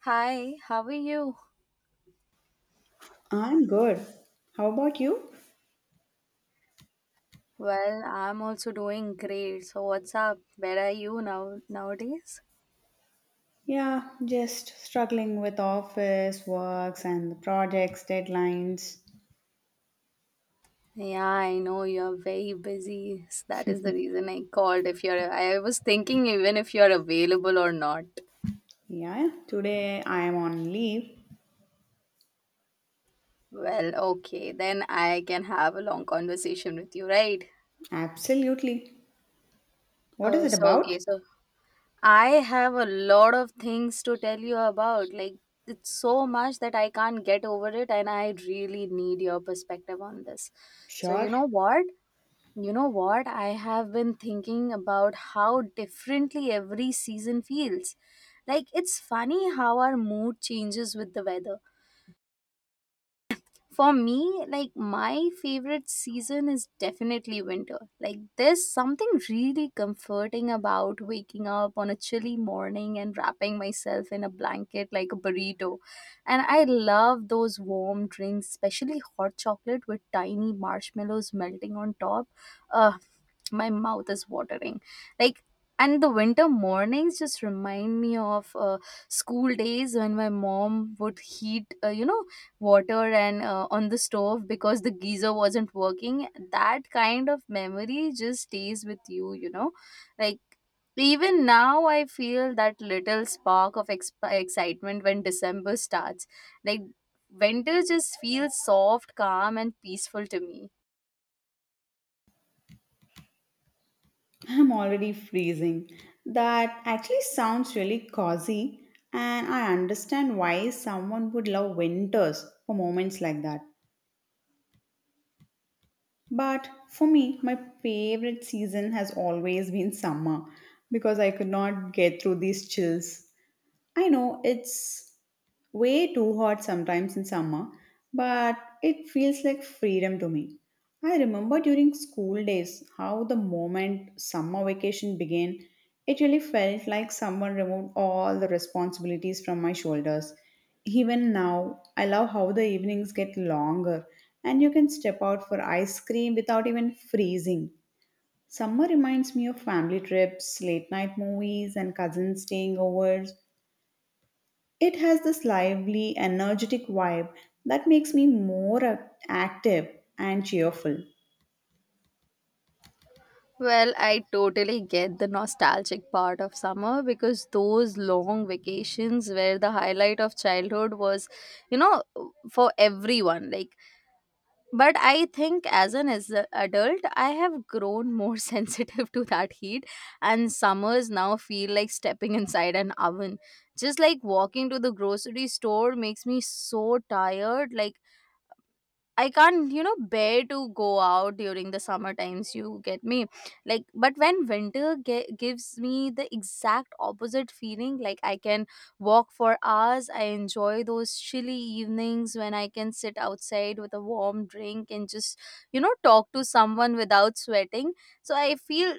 Hi, how are you? I'm good. How about you? Well, I'm also doing great. So what's up? Where are you nowadays? Yeah, just struggling with office works and the projects, deadlines. Yeah, I know you're very busy. That is the reason I called if you're I was thinking even if you're available or not. Yeah, today I am on leave. Well, okay, then I can have a long conversation with you, right? Absolutely. What is Uh, it so about? okay, so I have a lot of things to tell you about. It's so much that I can't get over it, and I really need your perspective on this. So, Sure. you know what? You know what? I have been thinking about how differently every season feels. Like, it's funny how our mood changes with the weather. For me, like my favorite season is definitely winter. Like there's something really comforting about waking up on a chilly morning and wrapping myself in a blanket like a burrito. And I love those warm drinks, especially hot chocolate with tiny marshmallows melting on top. Ugh, my mouth is watering. Like and the winter mornings just remind me of school days when my mom would heat water and on the stove because the geyser wasn't working. That kind of memory just stays with you you know like Even now I feel that little spark of excitement when December starts. like Winter just feels soft, calm and peaceful to me. I'm already freezing. That actually sounds really cozy, and I understand why someone would love winters for moments like that. But for me, my favorite season has always been summer because I could not get through these chills. I know it's way too hot sometimes in summer, but it feels like freedom to me. I remember during school days how the moment summer vacation began, it really felt like someone removed all the responsibilities from my shoulders. Even now, I love how the evenings get longer and you can step out for ice cream without even freezing. Summer reminds me of family trips, late night movies, and cousins staying over. It has this lively, energetic vibe that makes me more active and cheerful. Well, I totally get the nostalgic part of summer because those long vacations were the highlight of childhood you know, for everyone. But I think as an as a adult I have grown more sensitive to that heat, and summers now feel like stepping inside an oven. Just like walking to the grocery store makes me so tired. I can't, you know, bear to go out during the summer times. You get me, like, but when winter gives me the exact opposite feeling, like I can walk for hours. I enjoy those chilly evenings when I can sit outside with a warm drink and just, you know, talk to someone without sweating. So I feel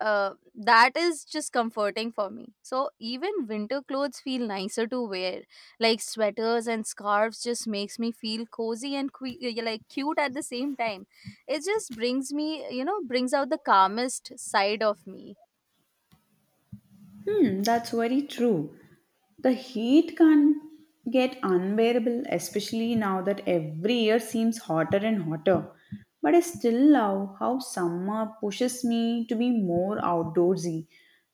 That is just comforting for me. So even winter clothes feel nicer to wear, like sweaters and scarves. Just makes me feel cozy and like cute at the same time. It just brings me, you know, brings out the calmest side of me. Hmm, that's very true. The heat can get unbearable, especially now that every year seems hotter and hotter. But I still love how summer pushes me to be more outdoorsy.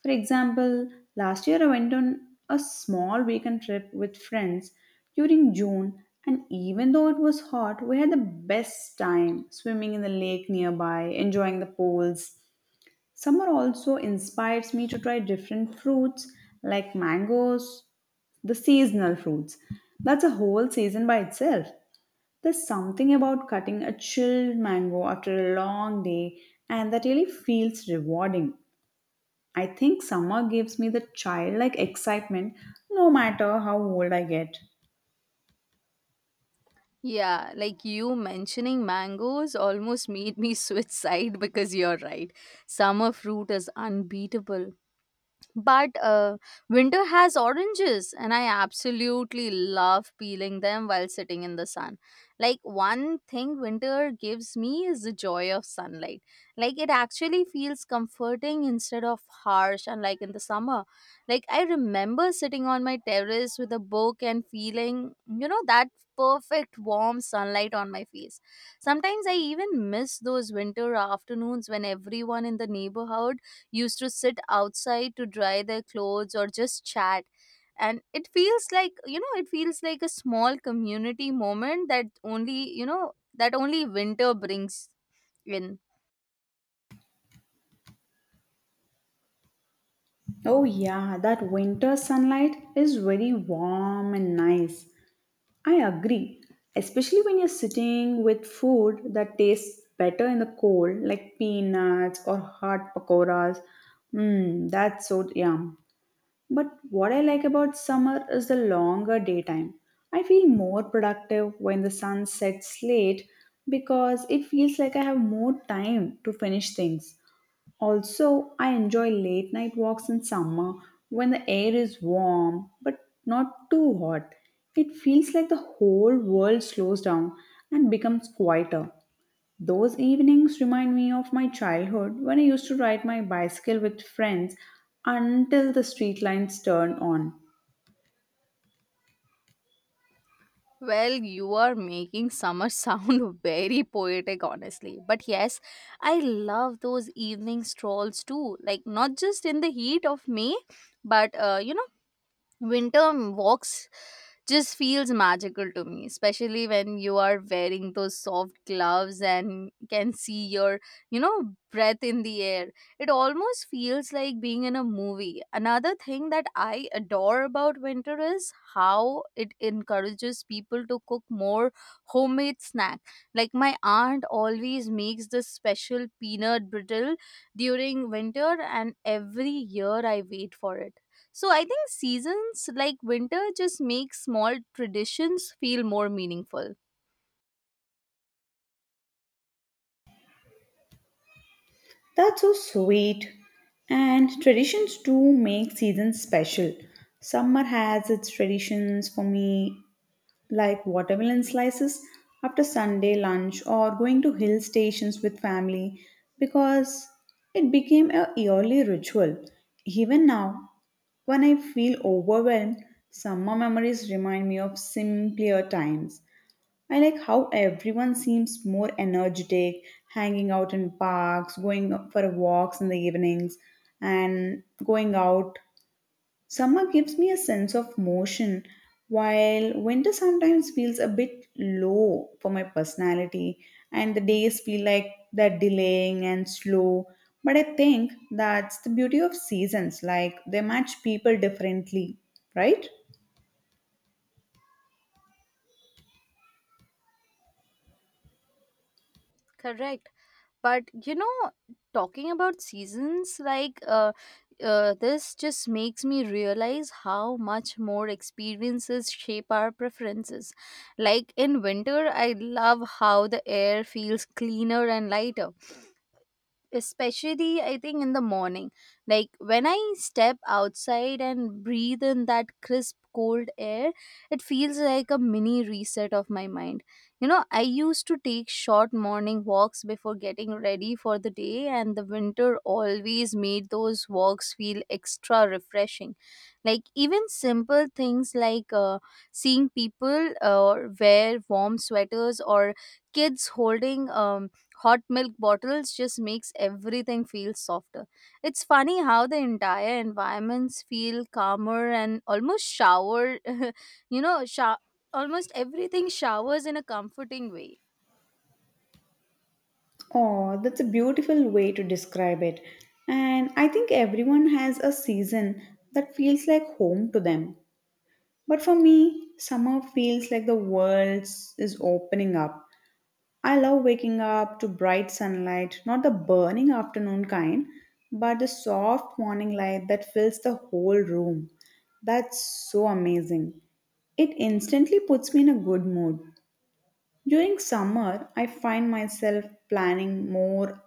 For example, last year I went on a small weekend trip with friends during June, and even though it was hot, we had the best time swimming in the lake nearby, enjoying the pools. Summer also inspires me to try different fruits like mangoes, the seasonal fruits. That's a whole season by itself. There's something about cutting a chilled mango after a long day, and that really feels rewarding. I think summer gives me the childlike excitement no matter how old I get. Yeah, like you mentioning mangoes almost made me switch side because you're right. Summer fruit is unbeatable. But Winter has oranges and I absolutely love peeling them while sitting in the sun. One thing winter gives me is the joy of sunlight. Like it actually feels comforting instead of harsh, unlike in the summer. Like I remember sitting on my terrace with a book and feeling, you know, that perfect warm sunlight on my face. Sometimes I even miss those winter afternoons when everyone in the neighborhood used to sit outside to dry their clothes or just chat, and it feels like, you know, it feels like a small community moment that only, you know, that only winter brings in. Oh, yeah, that winter sunlight is very warm and nice. I agree, especially when you're sitting with food that tastes better in the cold, like peanuts or hot pakoras. Mmm, that's so yum. But what I like about summer is the longer daytime. I feel more productive when the sun sets late because it feels like I have more time to finish things. Also, I enjoy late night walks in summer when the air is warm but not too hot. It feels like the whole world slows down and becomes quieter. Those evenings remind me of my childhood when I used to ride my bicycle with friends until the street lights turn on. Well, you are making summer sound very poetic honestly, but yes, I love those evening strolls too, like not just in the heat of May, but you know, winter walks just feels magical to me, especially when you are wearing those soft gloves and can see your, you know, breath in the air. It almost feels like being in a movie. Another thing that I adore about winter is how it encourages people to cook more homemade snack. Like my aunt always makes this special peanut brittle during winter, and every year I wait for it. So I think seasons like winter just make small traditions feel more meaningful. That's so sweet. And traditions do make seasons special. Summer has its traditions for me, like watermelon slices after Sunday lunch or going to hill stations with family because it became a yearly ritual. Even now, when I feel overwhelmed, summer memories remind me of simpler times. I like how everyone seems more energetic, hanging out in parks, going for walks in the evenings, and going out. Summer gives me a sense of motion, while winter sometimes feels a bit low for my personality, and the days feel like they're delaying and slow. But I think that's the beauty of seasons, like they match people differently, right? Correct. But you know, talking about seasons, this just makes me realize how much more experiences shape our preferences. Like in winter, I love how the air feels cleaner and lighter, especially I think in the morning. Like when I step outside and breathe in that crisp cold air, it feels like a mini reset of my mind. You know, I used to take short morning walks before getting ready for the day, and the winter always made those walks feel extra refreshing. Like, even simple things like seeing people wear warm sweaters or kids holding hot milk bottles just makes everything feel softer. It's funny how the entire environments feel calmer and almost shower. you know sho- Almost everything showers in a comforting way. Oh, that's a beautiful way to describe it. And I think everyone has a season that feels like home to them. But for me, summer feels like the world is opening up. I love waking up to bright sunlight, not the burning afternoon kind, but the soft morning light that fills the whole room. That's so amazing. It instantly puts me in a good mood. During summer, I find myself planning more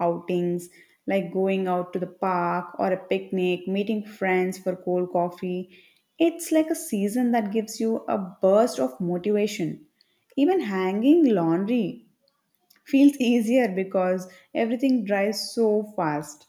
outings, like going out to the park or a picnic, meeting friends for cold coffee. It's like a season that gives you a burst of motivation. Even hanging laundry feels easier because everything dries so fast.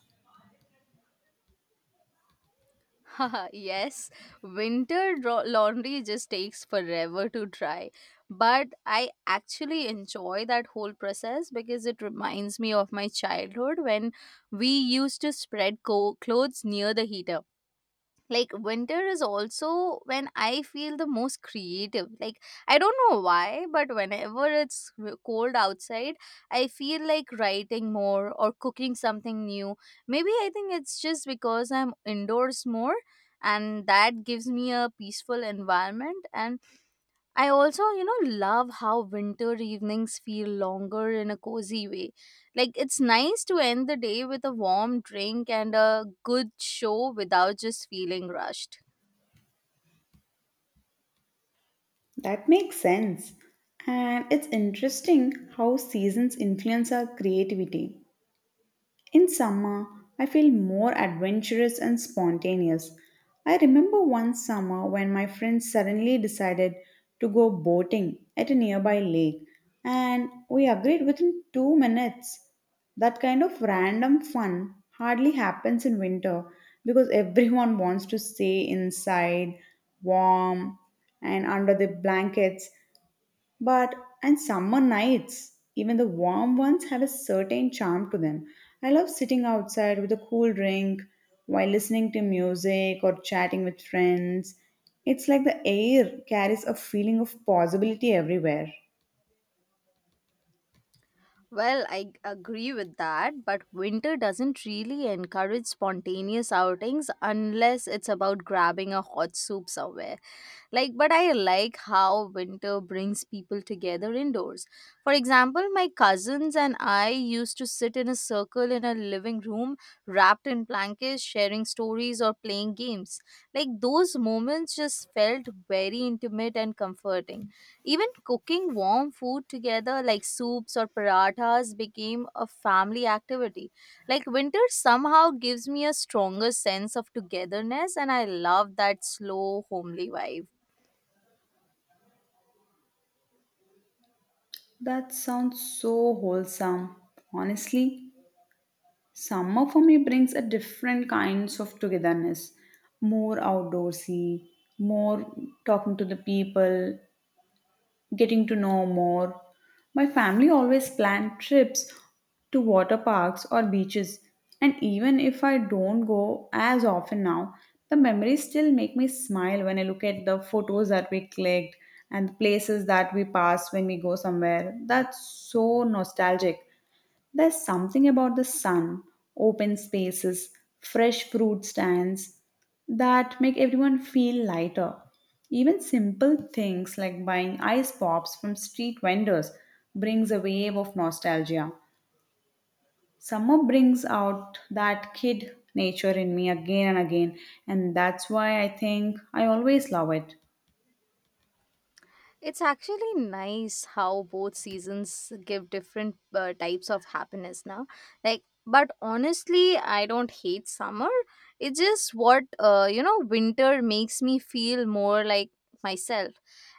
Yes, winter laundry just takes forever to dry, but I actually enjoy that whole process because it reminds me of my childhood when we used to spread clothes near the heater. Like winter is also when I feel the most creative. Like I don't know why, but whenever it's cold outside, I feel like writing more or cooking something new. Maybe I think it's just because I'm indoors more, and that gives me a peaceful environment. And I also, you know, love how winter evenings feel longer in a cozy way. Like, it's nice to end the day with a warm drink and a good show without just feeling rushed. That makes sense. And it's interesting how seasons influence our creativity. In summer, I feel more adventurous and spontaneous. I remember one summer when my friends suddenly decided to go boating at a nearby lake, and we agreed within 2 minutes. That kind of random fun hardly happens in winter because everyone wants to stay inside, warm, and under the blankets. But and summer nights, even the warm ones have a certain charm to them. I love sitting outside with a cool drink while listening to music or chatting with friends. It's like the air carries a feeling of possibility everywhere. Well, I agree with that, but winter doesn't really encourage spontaneous outings unless it's about grabbing a hot soup somewhere. Like, but I like how winter brings people together indoors. For example, my cousins and I used to sit in a circle in a living room, wrapped in blankets, sharing stories or playing games. Like, those moments just felt very intimate and comforting. Even cooking warm food together, like soups or parathas, became a family activity. Like winter somehow gives me a stronger sense of togetherness, and I love that slow, homely vibe. That sounds so wholesome. Honestly, summer for me brings a different kinds of togetherness, more outdoorsy, more talking to the people, getting to know more. My family always plan trips to water parks or beaches, and even if I don't go as often now, the memories still make me smile when I look at the photos that we clicked and the places that we passed when we go somewhere. That's so nostalgic. There's something about the sun, open spaces, fresh fruit stands that make everyone feel lighter. Even simple things like buying ice pops from street vendors brings a wave of nostalgia. Summer brings out that kid nature in me again and again, and that's why I think I always love it. It's actually nice how both seasons give different types of happiness now. Like, but honestly, I don't hate summer. It's just what, you know, winter makes me feel more like myself.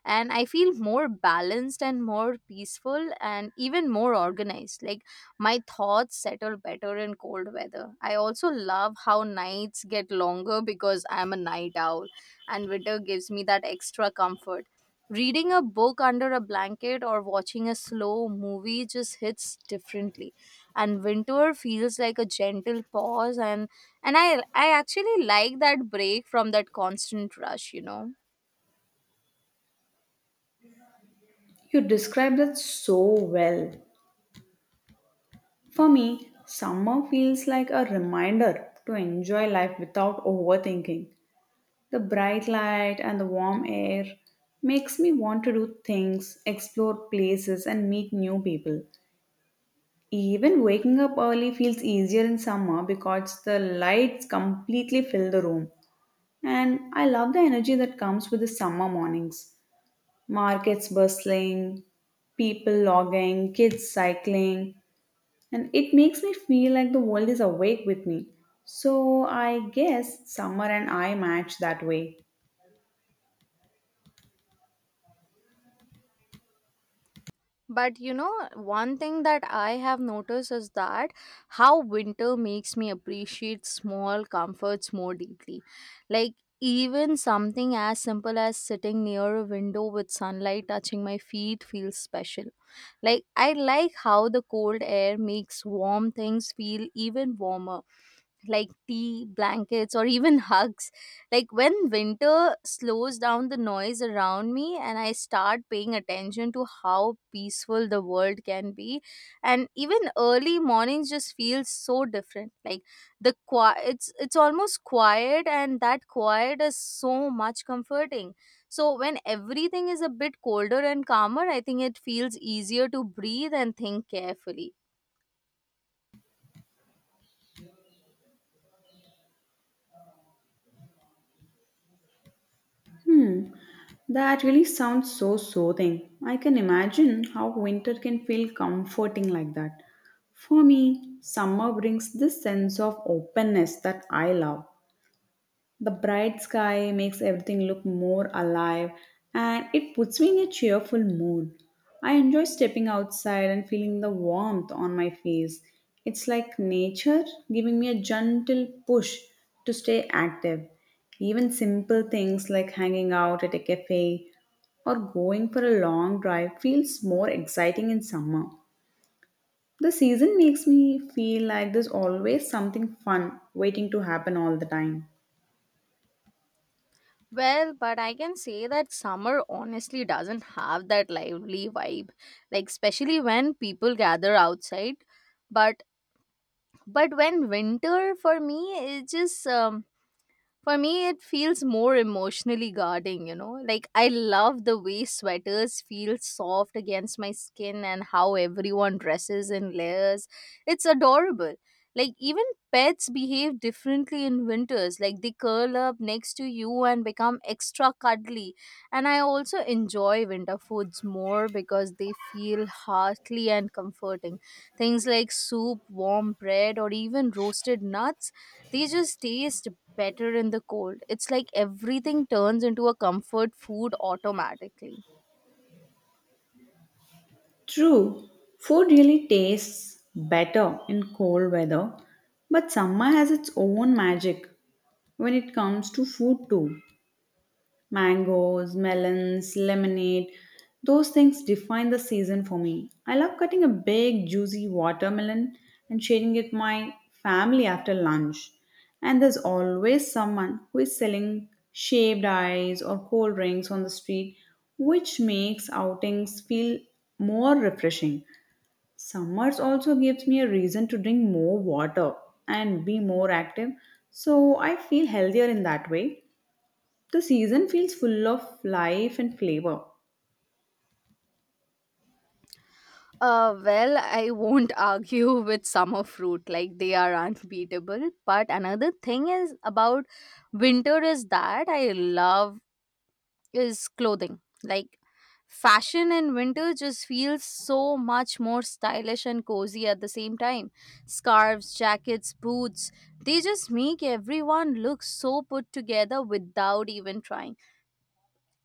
And I feel more balanced and more peaceful and even more organized. Like, my thoughts settle better in cold weather. I also love how nights get longer because I'm a night owl, and winter gives me that extra comfort. Reading a book under a blanket or watching a slow movie just hits differently. And winter feels like a gentle pause, and I actually like that break from that constant rush, you know. You describe that so well. For me, summer feels like a reminder to enjoy life without overthinking. The bright light and the warm air makes me want to do things, explore places, and meet new people. Even waking up early feels easier in summer because the lights completely fill the room. And I love the energy that comes with the summer mornings. Markets bustling, people logging, kids cycling, and it makes me feel like the world is awake with me. So I guess summer and I match that way. But you know, one thing that I have noticed is that how winter makes me appreciate small comforts more deeply. Like, even something as simple as sitting near a window with sunlight touching my feet feels special. Like, I like how the cold air makes warm things feel even warmer, like tea, blankets, or even hugs. Like when winter slows down the noise around me, and I start paying attention to how peaceful the world can be. And even early mornings just feel so different. Like the quiet, it's almost quiet, and that quiet is so much comforting. So when everything is a bit colder and calmer, I think it feels easier to breathe and think carefully. Hmm, that really sounds so soothing. I can imagine how winter can feel comforting like that. For me, summer brings this sense of openness that I love. The bright sky makes everything look more alive and it puts me in a cheerful mood. I enjoy stepping outside and feeling the warmth on my face. It's like nature giving me a gentle push to stay active. Even simple things like hanging out at a cafe or going for a long drive feels more exciting in summer. The season makes me feel like there's always something fun waiting to happen all the time. Well, but I can say that summer honestly doesn't have that lively vibe, like especially when people gather outside. But but when winter for me, it just for me, it feels more emotionally guarding, you know? Like, I love the way sweaters feel soft against my skin and how everyone dresses in layers. It's adorable. Like, even pets behave differently in winters. Like, they curl up next to you and become extra cuddly. And I also enjoy winter foods more because they feel hearty and comforting. Things like soup, warm bread, or even roasted nuts, they just taste better in the cold. It's like everything turns into a comfort food automatically. True, food really tastes better in cold weather, but summer has its own magic when it comes to food too. Mangoes, melons, lemonade, those things define the season for me. I love cutting a big juicy watermelon and sharing it with my family after lunch. And there's always someone who is selling shaved ice or cold drinks on the street, which makes outings feel more refreshing. Summers also gives me a reason to drink more water and be more active, so I feel healthier in that way. The season feels full of life and flavor. Well, I won't argue with summer fruit, like they are unbeatable. But another thing is about winter is that I love is clothing. Like fashion in winter just feels so much more stylish and cozy at the same time. Scarves, jackets, boots, they just make everyone look so put together without even trying.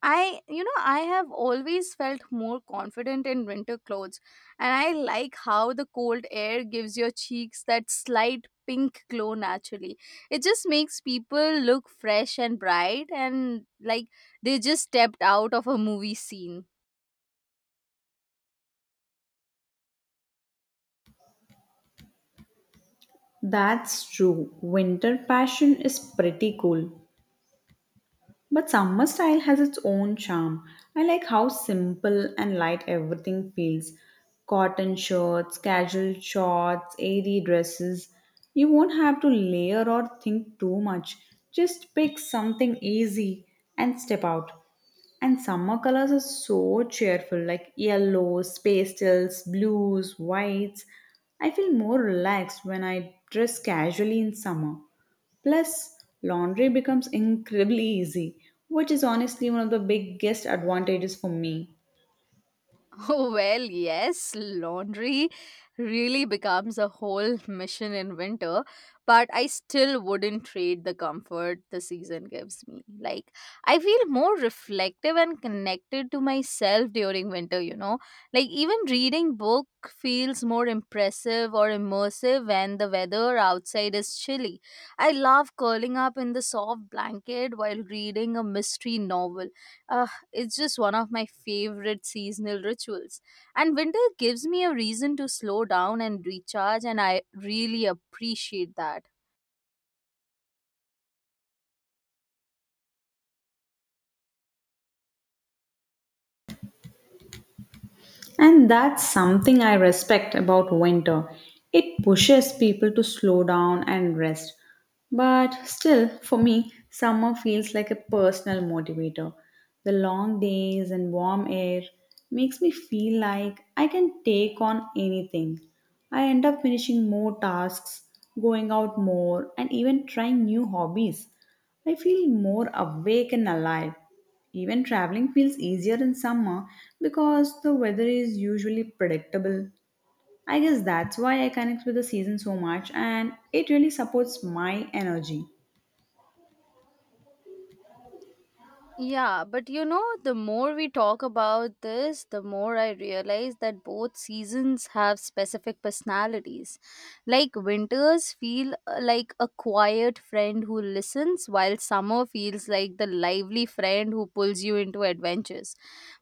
I, you know, I have always felt more confident in winter clothes, and I like how the cold air gives your cheeks that slight pink glow naturally. It just makes people look fresh and bright, and like they just stepped out of a movie scene. That's true. Winter passion is pretty cool. But summer style has its own charm. I like how simple and light everything feels. Cotton shirts, casual shorts, airy dresses. You won't have to layer or think too much. Just pick something easy and step out. And summer colors are so cheerful like yellows, pastels, blues, whites. I feel more relaxed when I dress casually in summer. Plus, laundry becomes incredibly easy, which is honestly one of the biggest advantages for me. Oh, well, yes, laundry really becomes a whole mission in winter, but I still wouldn't trade the comfort the season gives me. Like, I feel more reflective and connected to myself during winter, you know? Like, even reading book feels more impressive or immersive when the weather outside is chilly. I love curling up in the soft blanket while reading a mystery novel uh, it's just one of my favorite seasonal rituals. And winter gives me a reason to slow down and recharge, and I really appreciate that. And that's something I respect about winter. It pushes people to slow down and rest. But still, for me, summer feels like a personal motivator. The long days and warm air makes me feel like I can take on anything. I end up finishing more tasks, going out more, and even trying new hobbies. I feel more awake and alive. Even traveling feels easier in summer because the weather is usually predictable. I guess that's why I connect with the season so much and it really supports my energy. Yeah, but you know, the more we talk about this, the more I realize that both seasons have specific personalities. Like winters feel like a quiet friend who listens, while summer feels like the lively friend who pulls you into adventures.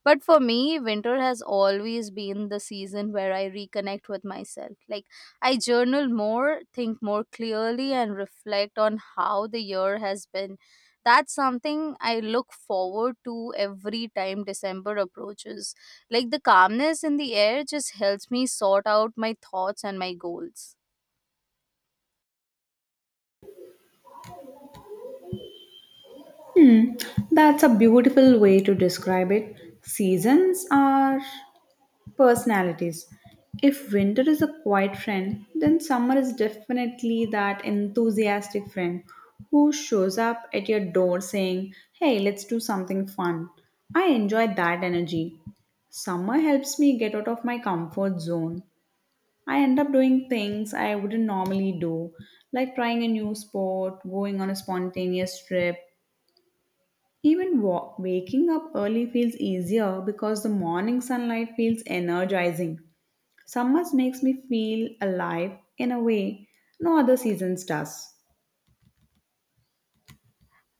But for me, winter has always been the season where I reconnect with myself. Like I journal more, think more clearly, and reflect on how the year has been. That's something I look forward to every time december approaches. Like the calmness in the air just helps me sort out my thoughts and my goals. That's a beautiful way to describe it. Seasons are personalities. If winter is a quiet friend, then summer is definitely that enthusiastic friend who shows up at your door saying, "Hey, let's do something fun." I enjoy that energy. Summer helps me get out of my comfort zone. I end up doing things I wouldn't normally do, like trying a new sport, going on a spontaneous trip. Even waking up early feels easier because the morning sunlight feels energizing. Summer makes me feel alive in a way no other seasons does.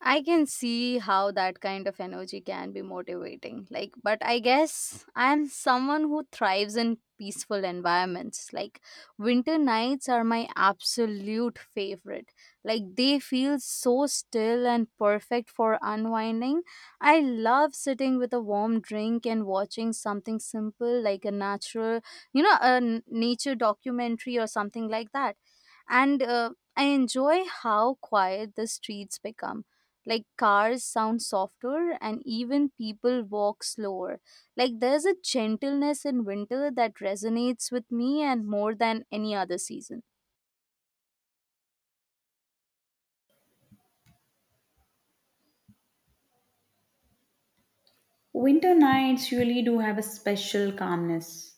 I can see how that kind of energy can be motivating. Like, but I guess I'm someone who thrives in peaceful environments. Like, winter nights are my absolute favorite. Like, they feel so still and perfect for unwinding. I love sitting with a warm drink and watching something simple like a natural, you know, a nature documentary or something like that. And I enjoy how quiet the streets become, like cars sound softer and even people walk slower. Like there's a gentleness in winter that resonates with me, and more than any other season. Winter nights really do have a special calmness,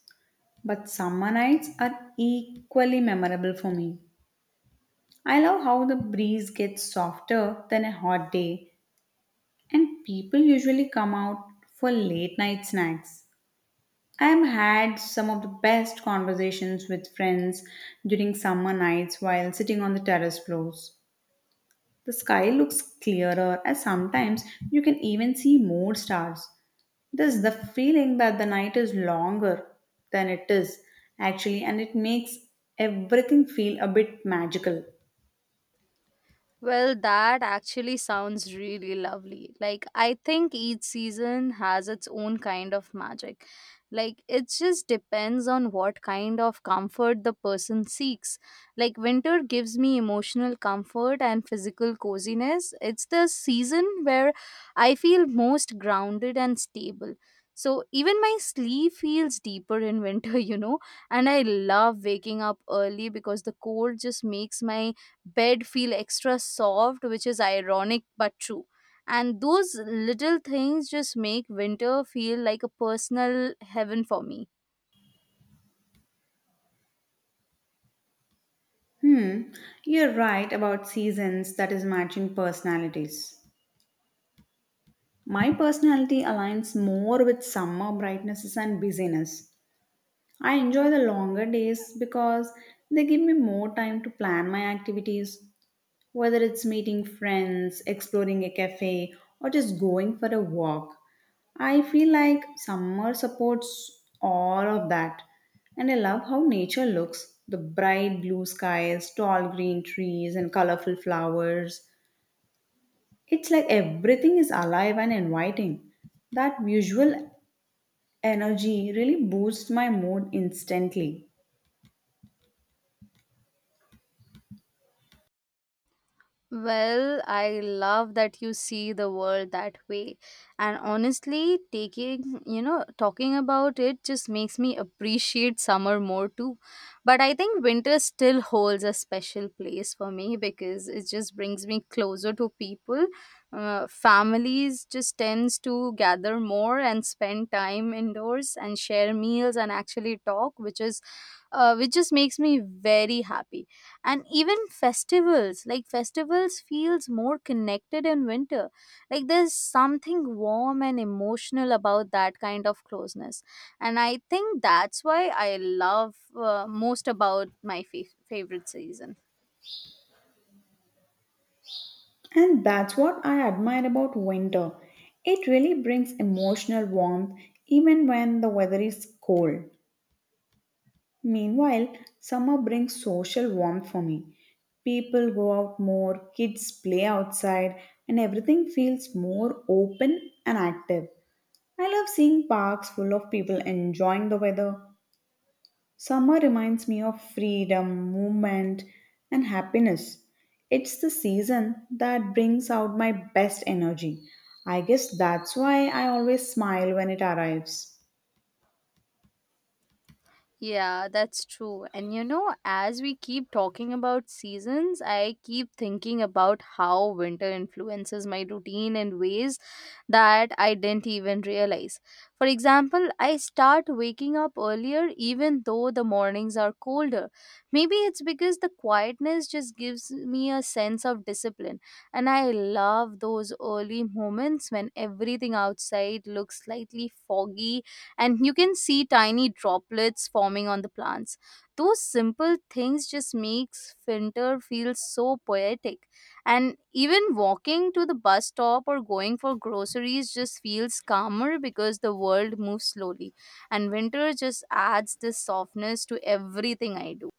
but summer nights are equally memorable for me. I love how the breeze gets softer than a hot day, and people usually come out for late night snacks. I have had some of the best conversations with friends during summer nights while sitting on the terrace floors. The sky looks clearer, and sometimes you can even see more stars. There's the feeling that the night is longer than it is, actually, and it makes everything feel a bit magical. Well, that actually sounds really lovely. Like, I think each season has its own kind of magic. Like, it just depends on what kind of comfort the person seeks. Like, winter gives me emotional comfort and physical coziness. It's the season where I feel most grounded and stable. So, even my sleep feels deeper in winter, you know. And I love waking up early because the cold just makes my bed feel extra soft, which is ironic but true. And those little things just make winter feel like a personal heaven for me. Hmm, you're right about seasons that is matching personalities. My personality aligns more with summer brightnesses and busyness. I enjoy the longer days because they give me more time to plan my activities, whether it's meeting friends, exploring a cafe, or just going for a walk, I feel like summer supports all of that. And I love how nature looks, the bright blue skies, tall green trees, and colorful flowers. It's like everything is alive and inviting. That visual energy really boosts my mood instantly. Well, I love that you see the world that way. And honestly, taking, you know, talking about it just makes me appreciate summer more too. But I think winter still holds a special place for me because it just brings me closer to people. Families just tends to gather more and spend time indoors and share meals and actually talk, which is, which just makes me very happy. And even festivals, like festivals feels more connected in winter. Like there's something warm and emotional about that kind of closeness, and I think that's why I love most about my favorite season. And that's what I admire about winter. It really brings emotional warmth even when the weather is cold. Meanwhile, summer brings social warmth for me. People go out more, kids play outside, and everything feels more open and active. I love seeing parks full of people enjoying the weather. Summer reminds me of freedom, movement, and happiness. It's the season that brings out my best energy. I guess that's why I always smile when it arrives. Yeah, that's true. And you know, as we keep talking about seasons, I keep thinking about how winter influences my routine in ways that I didn't even realize. For example, I start waking up earlier even though the mornings are colder. Maybe it's because the quietness just gives me a sense of discipline. And I love those early moments when everything outside looks slightly foggy and you can see tiny droplets forming on the plants. Those simple things just makes winter feel so poetic. And even walking to the bus stop or going for groceries just feels calmer because the world moves slowly. And winter just adds this softness to everything I do.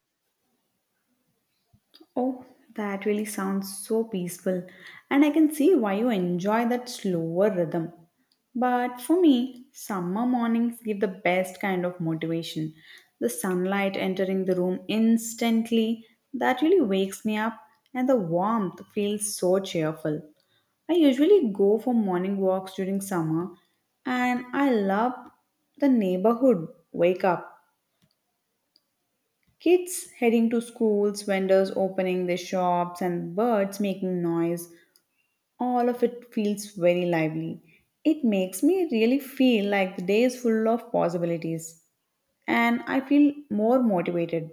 Oh, that really sounds so peaceful, and I can see why you enjoy that slower rhythm. But for me, summer mornings give the best kind of motivation. The sunlight entering the room instantly, that really wakes me up, and the warmth feels so cheerful. I usually go for morning walks during summer, and I love the neighborhood wake up. Kids heading to schools, vendors opening their shops, and birds making noise, all of it feels very lively. It makes me really feel like the day is full of possibilities, and I feel more motivated.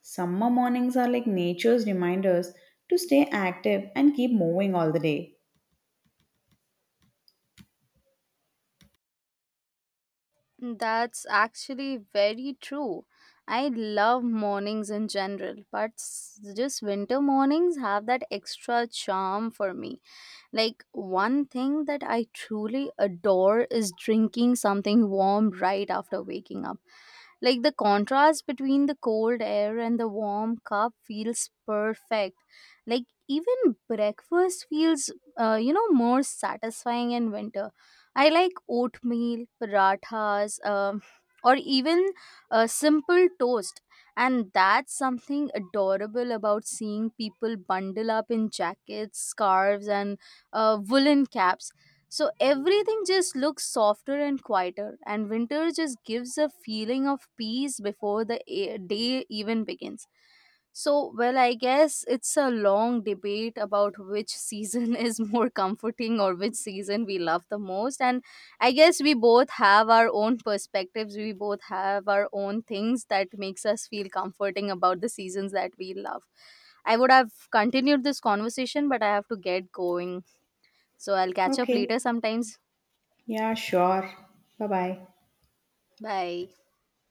Summer mornings are like nature's reminders to stay active and keep moving all the day. That's actually very true. I love mornings in general, but just winter mornings have that extra charm for me. Like, one thing that I truly adore is drinking something warm right after waking up. Like the contrast between the cold air and the warm cup feels perfect. Like even breakfast feels, you know, more satisfying in winter. I like oatmeal, parathas, or even a simple toast. And that's something adorable about seeing people bundle up in jackets, scarves, and woolen caps, so everything just looks softer and quieter, and winter just gives a feeling of peace before the day even begins. So, well, I guess it's a long debate about which season is more comforting or which season we love the most. And I guess we both have our own perspectives, we both have our own things that makes us feel comforting about the seasons that we love. I would have continued this conversation, but I have to get going. So I'll catch up Okay, later sometimes. yeah, sure. Bye bye. Bye.